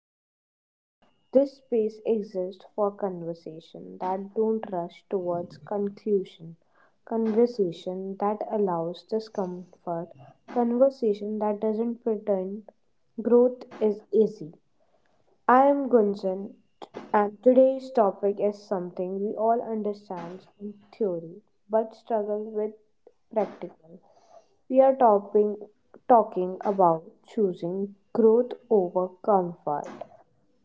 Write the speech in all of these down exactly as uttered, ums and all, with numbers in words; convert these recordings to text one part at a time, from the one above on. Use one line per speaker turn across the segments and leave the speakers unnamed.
podcast. This space exists for conversation that don't rush towards conclusion, conversation that allows discomfort, conversation that doesn't pretend growth is easy. I am Gunjan, and today's topic is something we all understand in theory but struggle with practical. We are topping, talking about choosing growth over comfort.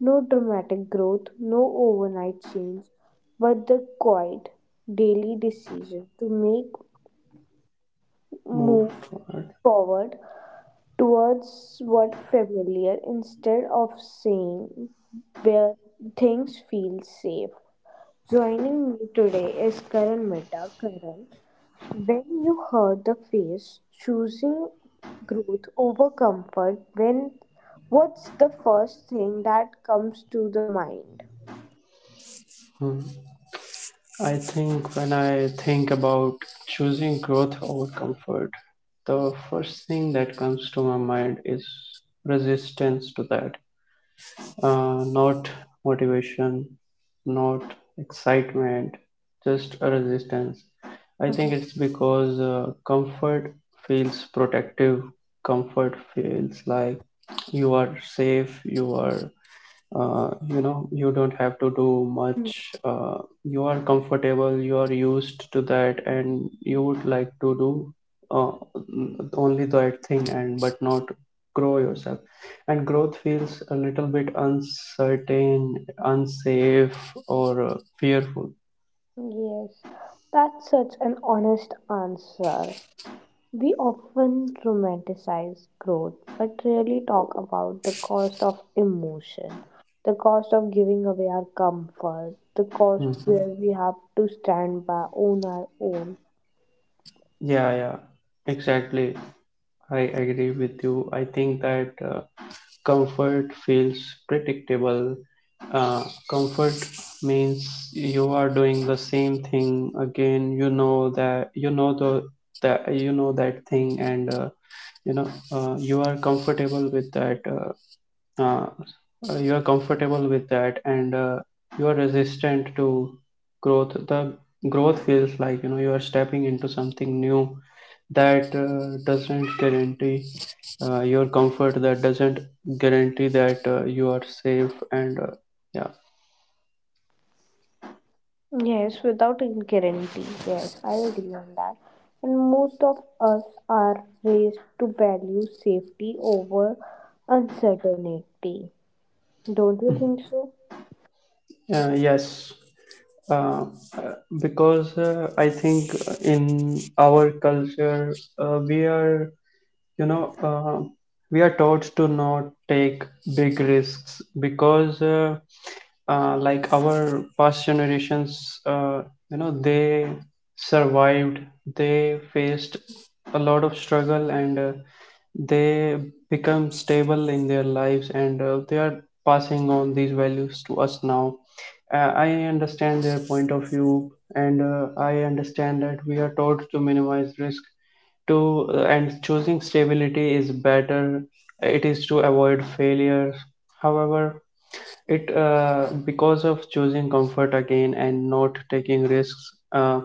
No dramatic growth, no overnight change, but the quiet daily decision to make
Move
move
toward.
forward towards what familiar instead of saying where things feel safe. Joining me today is Karan Mehta. Karan, when you hurt the face, choosing growth over comfort, when what's the first thing that comes to the mind?
Hmm. I think when I think about choosing growth over comfort, the first thing that comes to my mind is resistance to that. Uh, not motivation, not excitement, just a resistance. I
Mhm.
think it's because uh, comfort feels protective, comfort feels like you are safe, you are uh, you know, you don't have to do much. Uh, you are comfortable, you are used to that, and you would like to do uh, only that thing, and but not grow yourself. And growth feels a little bit uncertain, unsafe, or uh, fearful.
Yes, that's such an honest answer. We often romanticize growth, but rarely talk about the cost of emotion, the cost of giving away our comfort, the cost
Mhm.
where we have to stand by on our own.
Yeah, yeah, exactly. I agree with you. I think that uh, comfort feels predictable. Uh, comfort means you are doing the same thing again. You know that, you know the that, you know that thing. And uh, you know, uh, you are comfortable with that. Uh, uh, uh, you are comfortable with that, and uh, you are resistant to growth. The growth feels like, you know, you are stepping into something new that uh, doesn't guarantee uh, your comfort. That doesn't guarantee that uh, you are safe and. Uh, yeah
Yes, without a guarantee. Yes, I agree on that. And most of us are raised to value safety over uncertainty. Don't you think so?
Uh, yes, uh, uh, because uh, I think in our culture uh, we are, you know, uh, we are taught to not take big risks because, uh, uh, like our past generations, uh, you know, they survived, they faced a lot of struggle, and uh, they become stable in their lives, and uh, they are passing on these values to us now. Uh, I understand their point of view, and uh, I understand that we are taught to minimize risk. To uh, and choosing stability is better. It is to avoid failure. However, it uh, because of choosing comfort again and not taking risks, uh,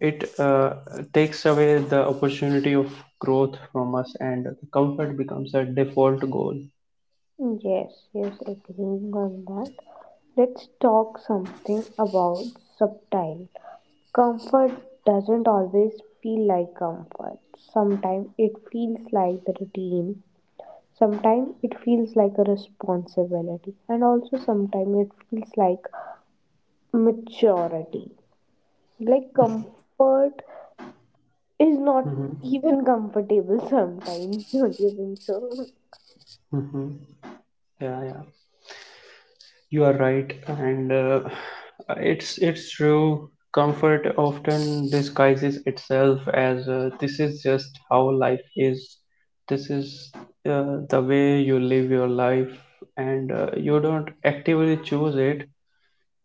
it uh, takes away the opportunity of growth from us, and comfort becomes a default goal.
Yes, yes, agreeing on that. Let's talk something about subtle. Comfort doesn't always feel like comfort. Sometimes it feels like the routine. Sometimes it feels like a responsibility, and also sometimes it feels like maturity. Like comfort is not
Hmm.
even comfortable sometimes, don't you think so?
Hmm. Yeah, yeah. You are right, and uh, it's it's true. Comfort often disguises itself as, uh, this is just how life is. This is uh, the way you live your life, and uh, you don't actively choose it.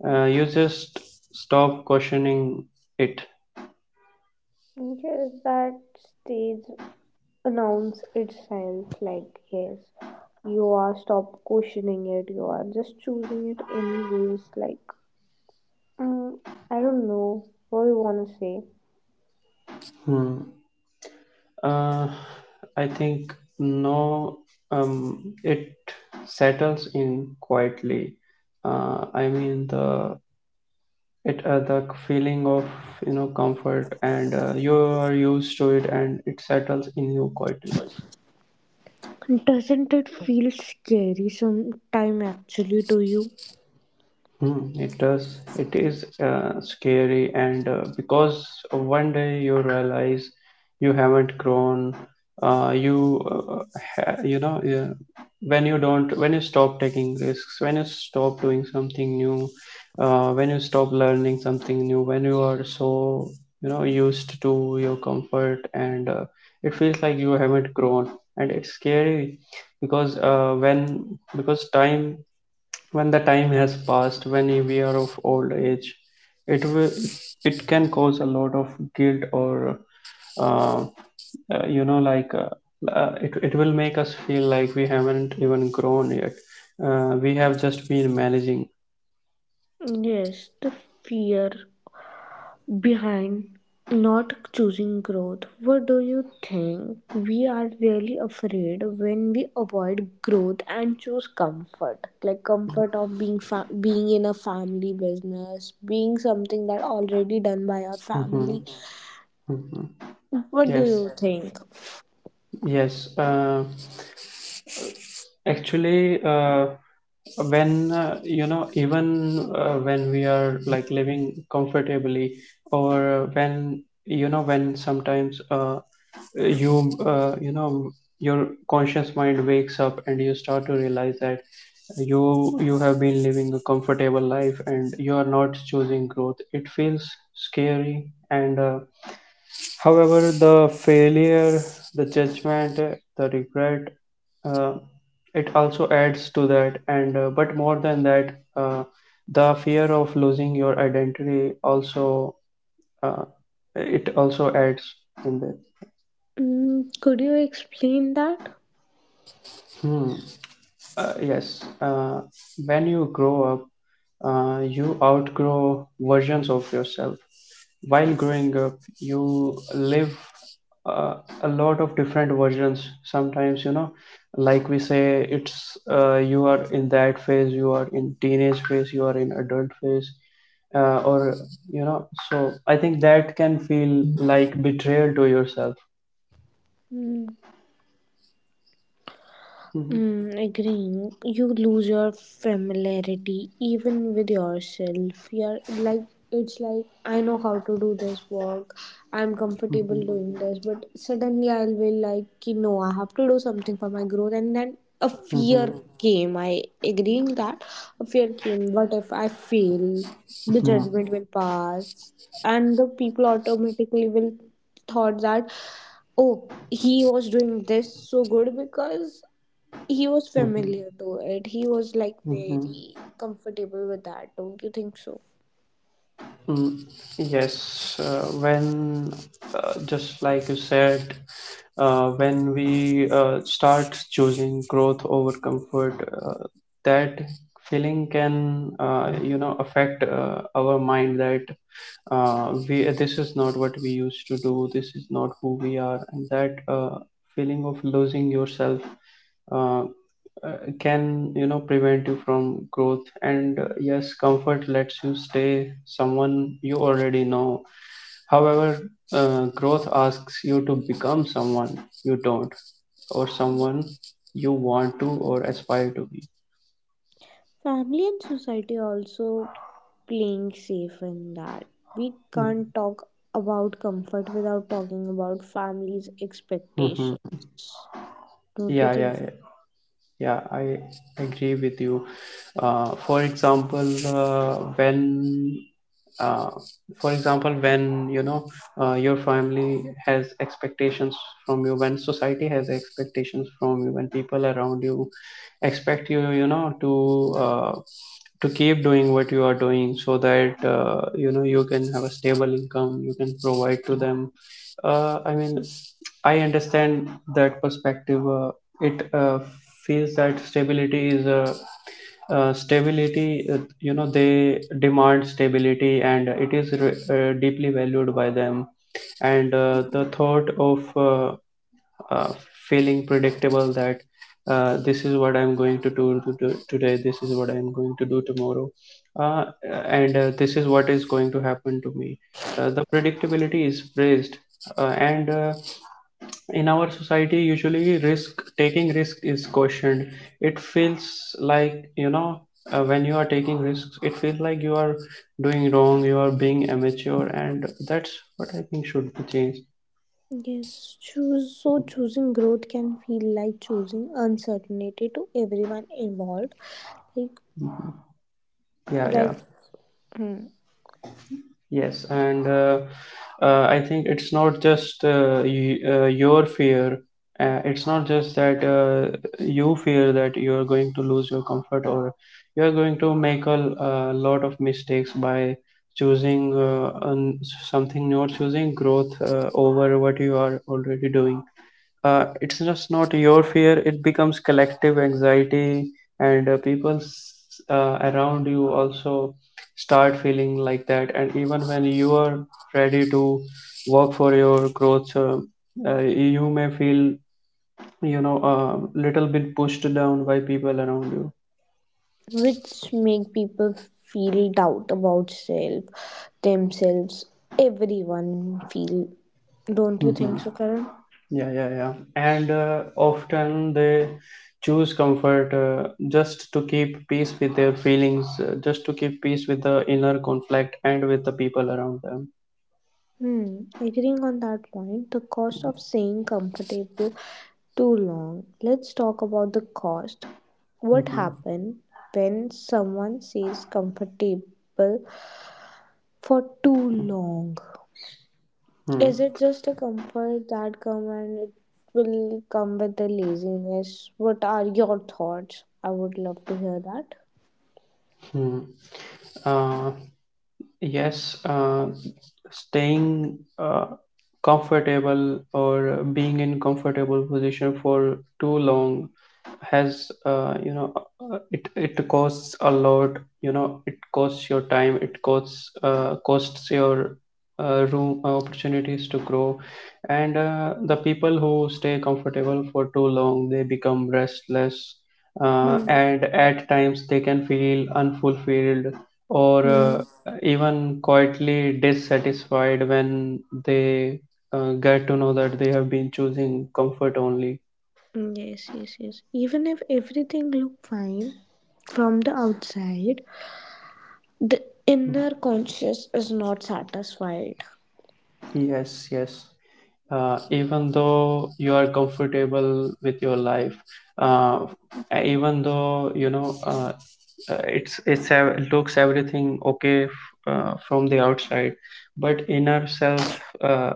Uh, you just stop questioning it.
Yes, that stage announce itself like yes, you are stop questioning it. You are just choosing it anyways. Like mm, I don't know what you wanna say.
Hmm. Uh, I think no. Um, it settles in quietly. Uh, I mean the it uh, the feeling of, you know, comfort, and uh, you are used to it, and it settles in you quietly.
Doesn't it feel scary sometime actually to you?
Hmm, it does. It is uh, scary, and uh, because one day you realize you haven't grown. Uh, you uh, ha- you know, yeah, when you don't when you stop taking risks, when you stop doing something new, uh, when you stop learning something new, when you are so, you know, used to your comfort, and uh, it feels like you haven't grown, and it's scary because uh, when because time when the time has passed, when we are of old age, it will it can cause a lot of guilt, or uh, uh, you know, like, uh, uh, it it will make us feel like we haven't even grown yet. Uh, we have just been managing.
Yes, the fear behind not choosing growth. What do you think? We are really afraid when we avoid growth and choose comfort. Like comfort of being fa- being in a family business, being something that already done by our family.
Mhm, mhm.
What do
Yes,
you think?
yes. Uh, actually, uh, when uh, You know, even uh, when we are, like, living comfortably, or when, you know, when sometimes uh, Uh, you uh, you know, your conscious mind wakes up, and you start to realize that you you have been living a comfortable life and you are not choosing growth. It feels scary. And uh, however, the failure, the judgment, uh, the regret, uh, it also adds to that. And uh, but more than that, uh, the fear of losing your identity also, uh, it also adds in there.
Mm, could you explain that?
Hmm. Uh, yes, uh, when you grow up, uh, you outgrow versions of yourself. While growing up, you live uh, a lot of different versions. Sometimes, you know, like we say, it's uh, you are in that phase, you are in teenage phase, you are in adult phase, uh, or you know. So I think that can feel like betrayal to yourself.
Mm.
Mhm,
Mm, agreeing, you lose your familiarity even with yourself. You're like, it's like, I know how to do this work, I'm comfortable
mhm,
doing this, but suddenly I will like, ki, no, I have to do something for my growth. And then a fear
mhm,
came. I agreeing that a fear came. What if I fail? The
mhm,
judgment will pass, and the people automatically will thought that oh he was doing this so good because he was
mhm,
familiar to it. He was like
mhm.
very comfortable with that. Don't you think so?
Mm. Yes, uh, when, uh, just like you said, uh, when we uh, start choosing growth over comfort, uh, that feeling can uh, you know, affect uh, our mind that, uh, we this is not what we used to do, this is not who we are. And that uh, feeling of losing yourself uh, uh, can, you know, prevent you from growth. And uh, yes, comfort lets you stay someone you already know. However, uh, growth asks you to become someone you don't, or someone you want to or aspire to be.
Family and society also playing safe in that. We can't talk about comfort without talking about family's
Mhm.
expectations. Don't you
Yeah,
think
yeah,
so?
yeah, yeah. I agree with you. Uh, for example, uh, when uh, for example, when, you know, uh, your family has expectations from you, when society has expectations from you, when people around you expect you, you know, to uh, to keep doing what you are doing, so that uh, you know, you can have a stable income, you can provide to them. Uh, i mean, I understand that perspective. Uh, it uh, Feels that stability is a uh, stability, uh, you know, they demand stability, and it is re- uh, deeply valued by them. And uh, the thought of uh, uh, feeling predictable, that uh, this is what I'm going to do to do today, this is what I'm going to do tomorrow, uh, and uh, this is what is going to happen to me. Uh, the predictability is praised, uh, and uh, in our society, usually risk taking risk is cautioned. It feels like, you know, uh, when you are taking risks, it feels like you are doing wrong, you are being amateur, and that's what I think should be changed.
Yes, choose so choosing growth can feel like choosing uncertainty to everyone involved. Like
Yeah, yeah.
like hmm.
Yes, and uh, uh, I think it's not just uh, y uh, your fear. Uh, it's not just that uh, you fear that you're going to lose your comfort, or you're going to make a l- a lot of mistakes by choosing uh, un something new, choosing growth uh, over what you are already doing. Uh, it's just not your fear, it becomes collective anxiety. And uh, people s- uh, around you also start feeling like that. And even when you are ready to work for your growth, uh, uh, you may feel, you know, a little bit pushed down by people around you.
Which make people feel doubt about self themselves, everyone feel, don't you
Mhm.
think so, Karan?
Yeah, yeah, yeah. And uh, often they choose comfort, uh, just to keep peace with their feelings, uh, just to keep peace with the inner conflict and with the people around them.
Hmm, agreeing on that point, the cost of staying comfortable too long. Let's talk about the cost. What
Mm-hmm.
happens when someone stays comfortable for too long? Is
Hmm.
it just a comfort that come and it will come with the laziness? What are your thoughts? I would love to hear that.
Hmm. Uh, Yes, uh, staying uh, comfortable, or being in comfortable position for too long, has uh, you know, uh, it it costs a lot. You know, it costs your time. It costs uh, costs your uh, room, uh, opportunities to grow. And uh, the people who stay comfortable for too long, they become restless, uh,
Hmm.
and at times they can feel unfulfilled, or uh,
Hmm.
even quietly dissatisfied, when they uh, get to know that they have been choosing comfort only.
Yes, yes, yes. Even if everything look fine from the outside, the inner conscious is not satisfied.
Yes, yes. Uh, even though you are comfortable with your life, uh, even though, you know, uh, uh, it's it's ev- looks everything okay f- uh, from the outside, but inner self. Uh,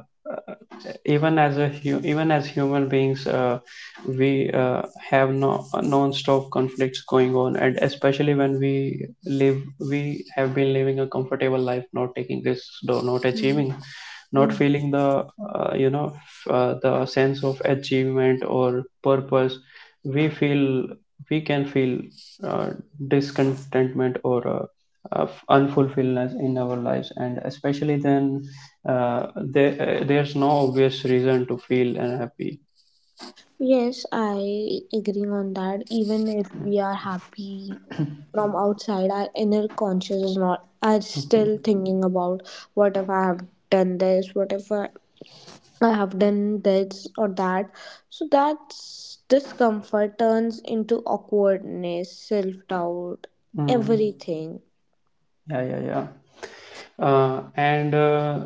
even as a hu- even as human beings, uh, we uh, have no non-stop conflicts going on. And especially when we live we have been living a comfortable life, not taking risks, though not achieving, not feeling the uh, you know, f- uh, the sense of achievement or purpose. we feel we can feel uh, discontentment, or uh, of unfulfillment in our lives. And especially then, uh, there, uh, there's no obvious reason to feel unhappy.
Yes, I agree on that. Even if we are happy from outside, our inner conscious is not. I'm still
Mhm.
thinking about what if I have done this, what if I, I have done this or that. So that discomfort turns into awkwardness, self doubt,
Mm.
everything.
Yeah, yeah, yeah. uh, and uh,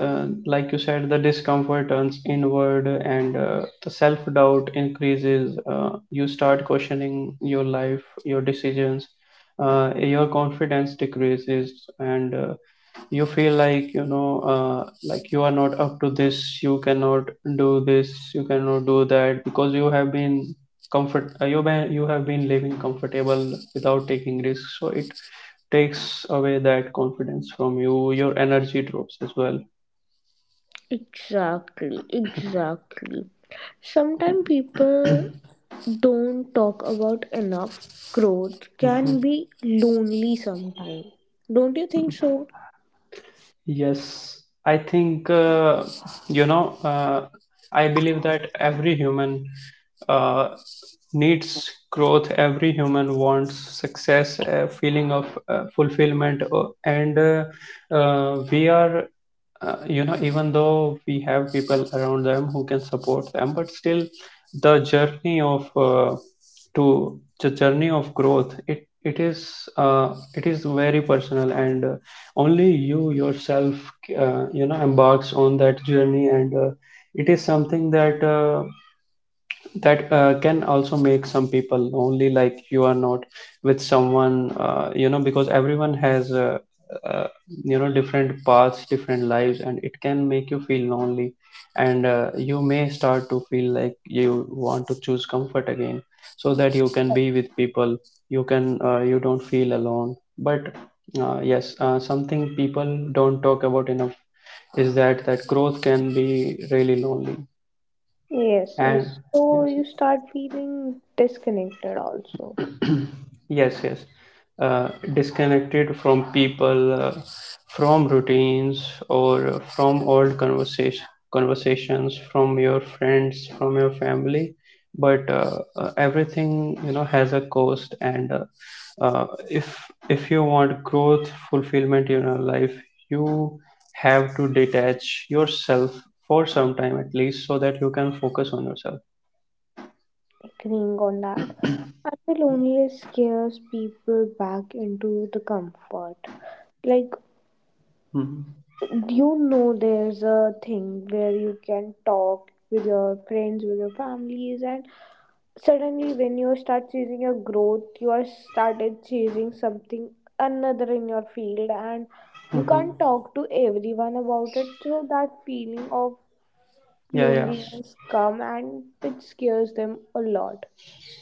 uh, Like you said, the discomfort turns inward, and uh, the self-doubt increases. Uh, you start questioning your life, your decisions. Uh, your confidence decreases, and uh, you feel like, you know, uh, like, you are not up to this, you cannot do this, you cannot do that, because you have been comfort uh, you been, you have been living comfortable without taking risks. So it takes away that confidence from you, your energy drops as well.
Exactly, exactly. Sometimes people don't talk about enough. Growth can
Mhm.
be lonely sometimes. Don't you think so?
Yes, I think uh, you know. Uh, I believe that every human uh, needs growth. Every human wants success, a feeling of uh, fulfillment, uh, and uh, uh, we are. Uh, you know, even though we have people around them who can support them, but still, the journey of uh, to the journey of growth, it it is uh, it is very personal and uh, only you yourself uh, you know embarks on that journey, and uh, it is something that uh, that uh, can also make some people lonely, like you are not with someone, uh, you know because everyone has uh, uh, you know different paths, different lives, and it can make you feel lonely. And uh, you may start to feel like you want to choose comfort again so that you can be with people, you can uh, you don't feel alone. But uh, yes, uh, something people don't talk about enough is that that growth can be really lonely,
Yes,
and
yes. So
yes.
you start feeling disconnected also.
Yes, yes. Uh, disconnected from people, uh, from routines, or uh, from old conversation conversations from your friends, from your family. But uh, uh, everything, you know, has a cost. And uh, uh, if if you want growth, fulfillment in your life, you have to detach yourself for some time at least, so that you can focus on yourself.
Agreeing on that. And the loneliness scares people back into the comfort. Like,
Mm-hmm.
you know, there's a thing where you can talk with your friends, with your families, and suddenly when you start chasing your growth you are started chasing something another in your field and you can't talk to everyone about it, so that feeling of
Yeah, yeah.
loneliness come and it scares them a lot.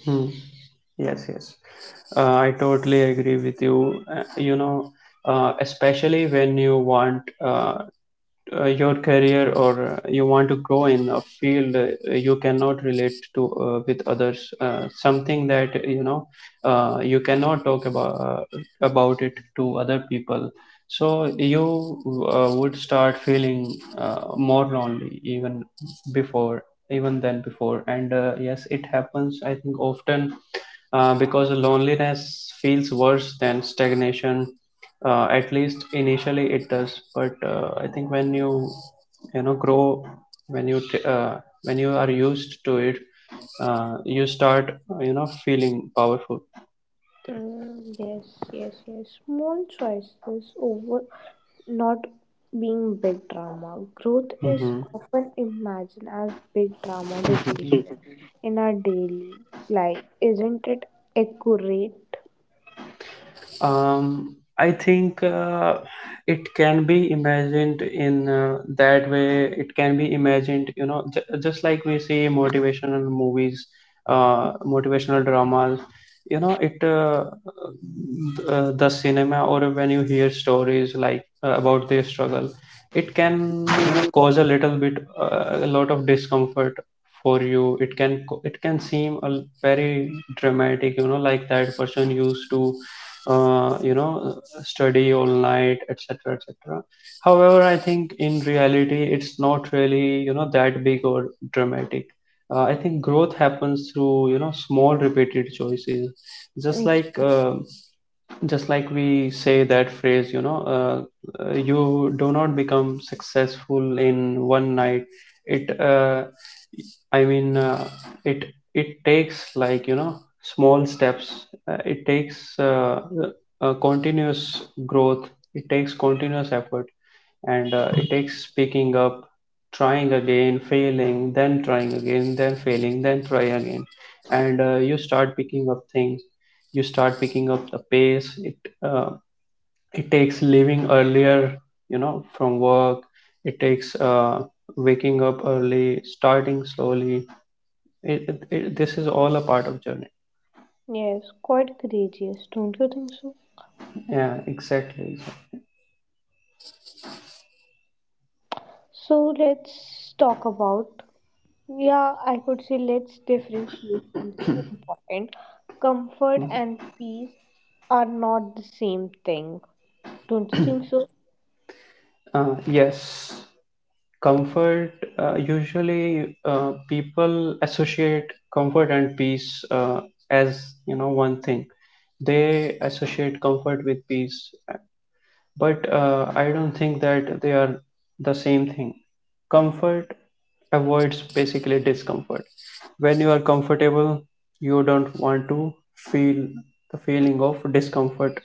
Hmm. Yes, yes. Uh, I totally agree with you. Uh, you know, uh, especially when you want uh, uh, your career, or uh, you want to grow in a field, uh, you cannot relate to uh, with others. Uh, something that, you know, uh, you cannot talk about uh, about it to other people. So you uh, would start feeling uh, more lonely even before, even than before. And uh, yes, it happens, I think, often, uh, because loneliness feels worse than stagnation. Uh, at least initially it does. But uh, I think when you, you know, grow, when you, t- uh, when you are used to it, uh, you start, you know, feeling powerful.
Mm, yes, yes, yes. Small choices over not being big drama. Growth is
Hmm.
often imagined as big drama
Hmm.
decision in our daily life. Isn't it accurate?
Um, I think uh, it can be imagined in uh, that way. It can be imagined, you know, j- just like we see motivational movies, uh, motivational dramas. You know, it uh, uh, the cinema, or when you hear stories like uh, about their struggle, it can, you know, cause a little bit uh, a lot of discomfort for you. It can co- it can seem a l- very dramatic, you know, like that person used to uh, you know study all night, etc, etc. However, I think in reality it's not really, you know, that big or dramatic. uh, I think growth happens through, you know, small repeated choices. Just
Mm.
like uh, just like we say that phrase, you know, uh, uh, you do not become successful in one night. It uh, I mean uh, it it takes, like, you know, small steps. Uh, it takes uh, uh, continuous growth. It takes continuous effort, and uh, it takes picking up, trying again, failing, then trying again, then failing, then try again. And uh, you start picking up things, you start picking up the pace. it uh, it takes leaving earlier, you know, from work. It takes uh, waking up early, starting slowly. It, it, it, this is all a part of journey.
Yes, quite courageous, don't you think so?
Yeah, exactly, exactly.
So let's talk about, yeah, I could say let's differentiate something important. Comfort and peace are not the same thing, don't you think so?
Uh, yes, comfort. Uh, usually, uh, people associate comfort and peace, uh, as you know, one thing. They associate comfort with peace, but uh, I don't think that they are the same thing. Comfort avoids basically discomfort. When you are comfortable, you don't want to feel the feeling of discomfort.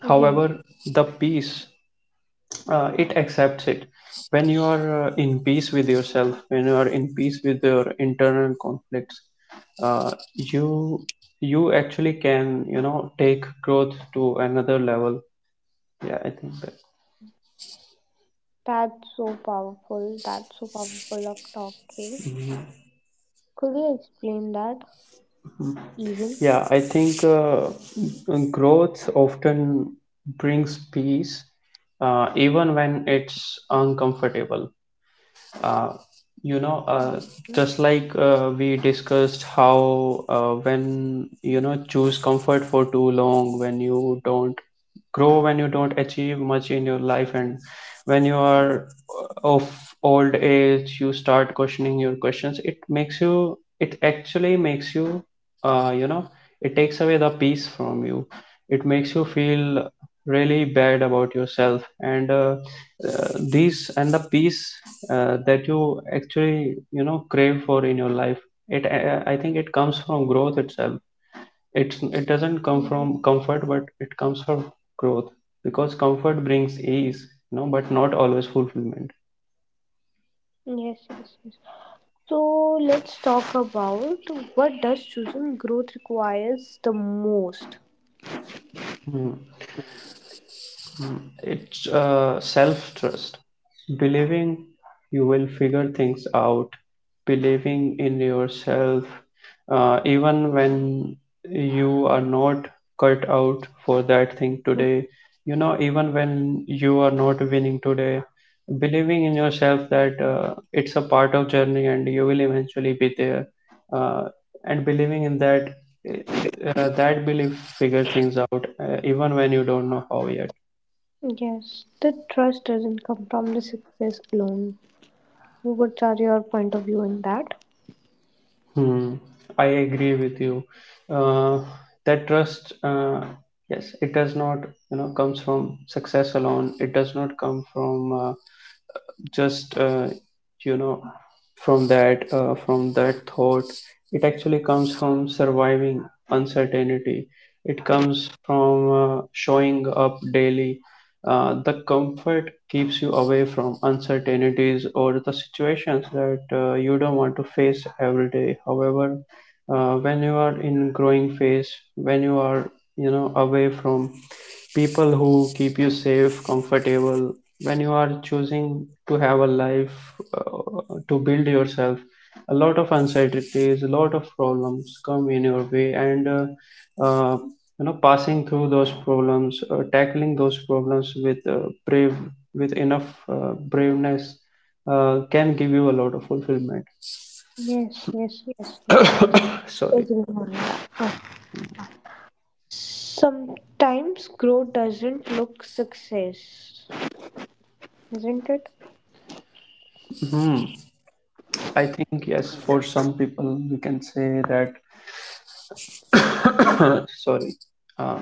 However, the
Yes,
peace, uh, it accepts it. When you are uh, in peace with yourself, when you are in peace with your internal conflicts, uh, you you actually can, you know, take growth to another level. Yeah, I think that.
that's so powerful. That's so powerful of talking. Could you explain that even?
Yeah, I think uh, growth often brings peace, uh, even when it's uncomfortable. uh, you know uh,
Mm,
just like uh, we discussed how uh, when you know, choose comfort for too long, when you don't grow, when you don't achieve much in your life, and when you are of old age, you start questioning your questions. It makes you, it actually makes you, uh, you know it takes away the peace from you. It makes you feel really bad about yourself. And uh, uh, these, and the peace uh, that you actually, you know, crave for in your life, it uh, I think it comes from growth itself. It's it doesn't
mm, ye-.
come from comfort, but it comes from growth, because comfort brings ease, you know, but not always fulfillment.
Yes, yes, yes. So let's talk about what does choosing growth requires the most.
Hmm. It's uh, self trust. Believing you will figure things out, believing in yourself, uh, even when you are not cut out for that thing today, you know, even when you are not winning today, believing in yourself that uh, it's a part of journey and you will eventually be there, uh, and believing in that uh, that belief figure things out, uh, even when you don't know how yet.
Yes, the trust doesn't come from the success alone. What are your point of view in that?
Hmm, I agree with you. Uh, that trust, uh, yes, it does not, you know, comes from success alone. It does not come from uh, just uh, you know, from that uh, from that thought. It actually comes from surviving uncertainty. It comes from uh, showing up daily. Uh, the comfort keeps you away from uncertainties or the situations that uh, you don't want to face every day. However, uh, when you are in growing phase, when you are, you know, away from people who keep you safe, comfortable. When you are choosing to have a life, uh, to build yourself, a lot of uncertainties, a lot of problems come in your way. And uh, uh, you know, passing through those problems, uh, tackling those problems with uh, brave, with enough uh, braveness, uh, can give you a lot of fulfillment.
Yes, yes, yes, yes, yes.
Sorry.
Agree on that. Uh, Sometimes growth doesn't look success, isn't it?
Hmm. I think yes, for some people we can say that. Sorry. Uh,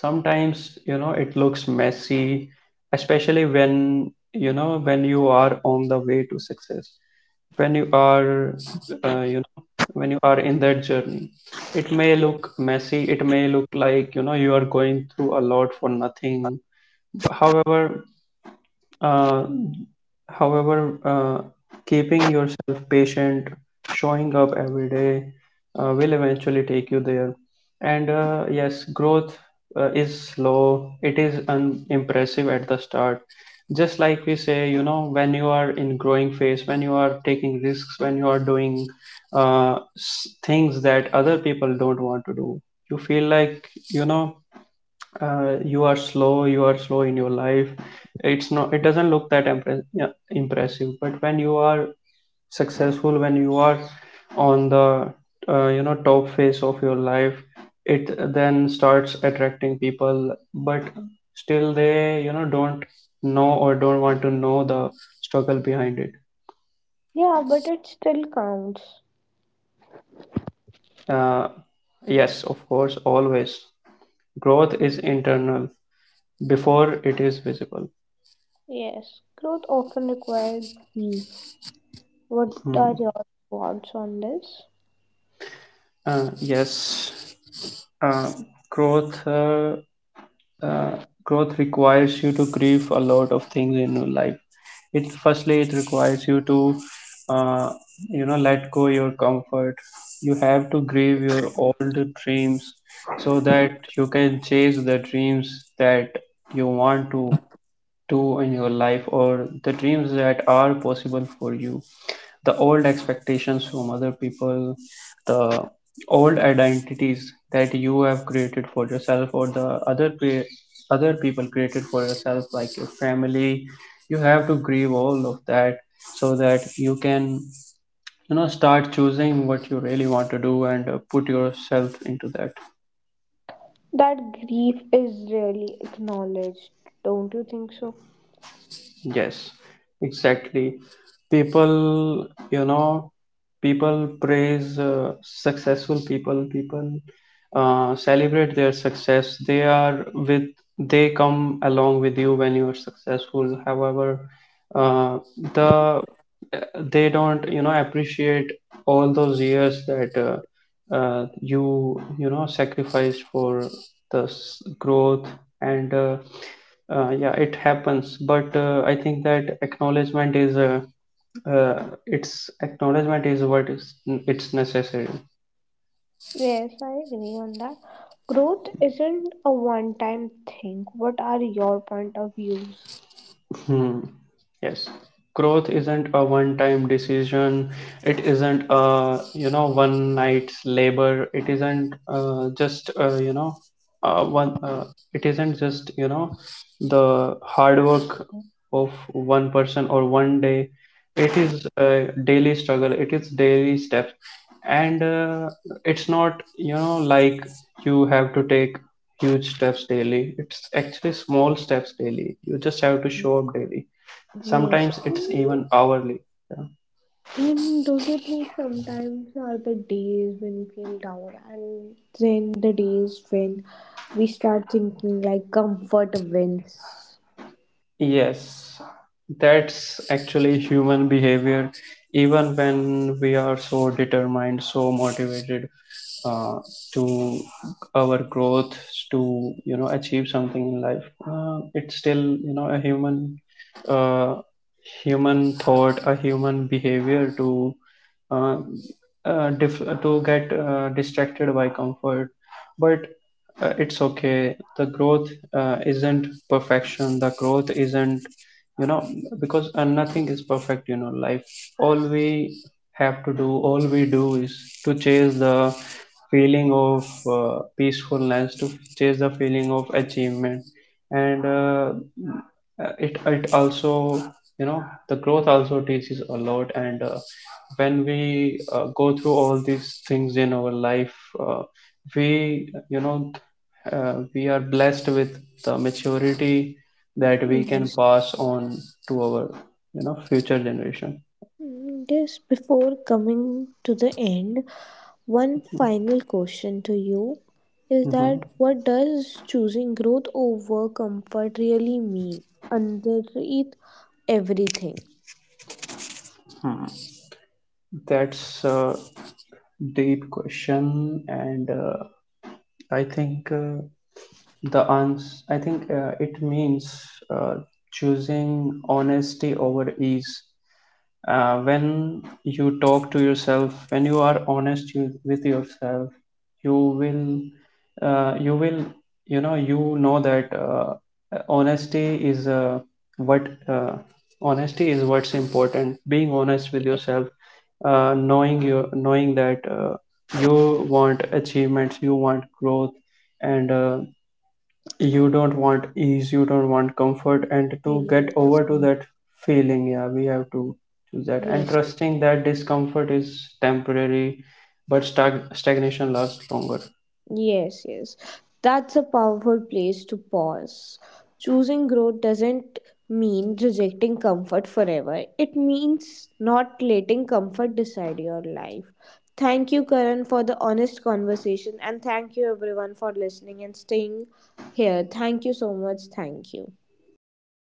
Sometimes, you know, it looks messy, especially when, you know, when you are on the way to success, when you are uh, you know, when you are in that journey, it may look messy, it may look like, you know, you are going through a lot for nothing. However uh, however, uh, keeping yourself patient, showing up every day, uh, will eventually take you there. And uh, yes, growth uh, is slow, it is unimpressive at the start. Just like we say, you know, when you are in growing phase, when you are taking risks, when you are doing uh, s- things that other people don't want to do, you feel like, you know, uh, you are slow, you are slow in your life. It's not it doesn't look that impre- yeah, impressive. But when you are successful, when you are on the uh, you know, top phase of your life, it then starts attracting people. But still they, you know, don't know or don't want to know the struggle behind it.
Yeah, but it still counts.
uh, yes, of course, always. Growth is internal before it is visible.
Yes, growth often requires belief. What
Hmm.
are your thoughts on this?
Uh, yes. uh, Growth, uh, uh, growth requires you to grieve a lot of things in your life. It firstly it requires you to uh, you know let go your comfort. You have to grieve your old dreams so that you can chase the dreams that you want to do in your life, or the dreams that are possible for you. The old expectations from other people, the old identities that you have created for yourself, or the other pe- other people created for yourself, like your family. You have to grieve all of that so that you can, you know, start choosing what you really want to do, and uh, put yourself into that.
That grief is really acknowledged, don't you think so?
Yes, exactly. People, you know, people praise uh, successful people. People uh, celebrate their success. They are with, they come along with you when you are successful. However, uh, the, they don't, you know, appreciate all those years that uh, uh, you you know, sacrificed for the s- growth. And uh, uh, yeah, it happens. But uh, I think that acknowledgement is uh, uh, it's acknowledgement is what is, it's necessary.
Yes, I agree on that. Growth isn't a one time thing. What are your point of views?
Hmm. Yes. Growth isn't a one-time decision. It isn't a, you know, one night's labor. It isn't uh, just, uh, you know, uh, one. Uh, it isn't just, you know, the hard work of one person or one day. It is a daily struggle. It is daily steps, and uh, it's not, you know, like you have to take huge steps daily. It's actually small steps daily. You just have to show up daily.
Yes.
Sometimes it's
Mm.
even hourly. Yeah.
And don't you think sometimes are the days when we feel down and then the days when we start thinking like comfort wins?
Yes, that's actually human behavior, even when we are so determined, so motivated uh, to our growth, to, you know, achieve something in life. Uh, it's still, you know, a human, uh, human thought, a human behavior to uh, uh, dif- to get uh, distracted by comfort. But uh, it's okay, the growth uh, isn't perfection, the growth isn't, you know, because uh, nothing is perfect, you know, life. All we have to do, all we do, is to chase the feeling of uh, peacefulness, to chase the feeling of achievement. And uh, uh, it it also, you know, the growth also teaches a lot. And uh, when we uh, go through all these things in our life, uh, we, you know, uh, we are blessed with the maturity that we can
Yes.
pass on to our, you know, future generation.
Mm, yes. Before coming to the end, one final question to you is
Hmm.
that what does choosing growth over comfort really mean underneath everything?
That's a deep question. And uh, I think uh, the ans i think uh, it means uh, choosing honesty over ease. Uh, when you talk to yourself, when you are honest, you, with yourself, you will uh, you will, you know, you know that uh, honesty is, uh, what, uh, honesty is what's important, being honest with
Yes.
yourself, uh, knowing your, knowing that uh, you want achievements, you want growth, and uh, you don't want ease, you don't want comfort, and to
Very
get
well
over to
said.
that feeling. Yeah, we have to do that, and
Yes.
trusting that discomfort is temporary, but stag- stagnation lasts longer.
Yes, yes. That's a powerful place to pause. Choosing growth doesn't mean rejecting comfort forever, it means not letting comfort decide your life. Thank you, Karan, for the honest conversation, and thank you, everyone, for listening and staying here. Thank you so much. Thank you.
Thank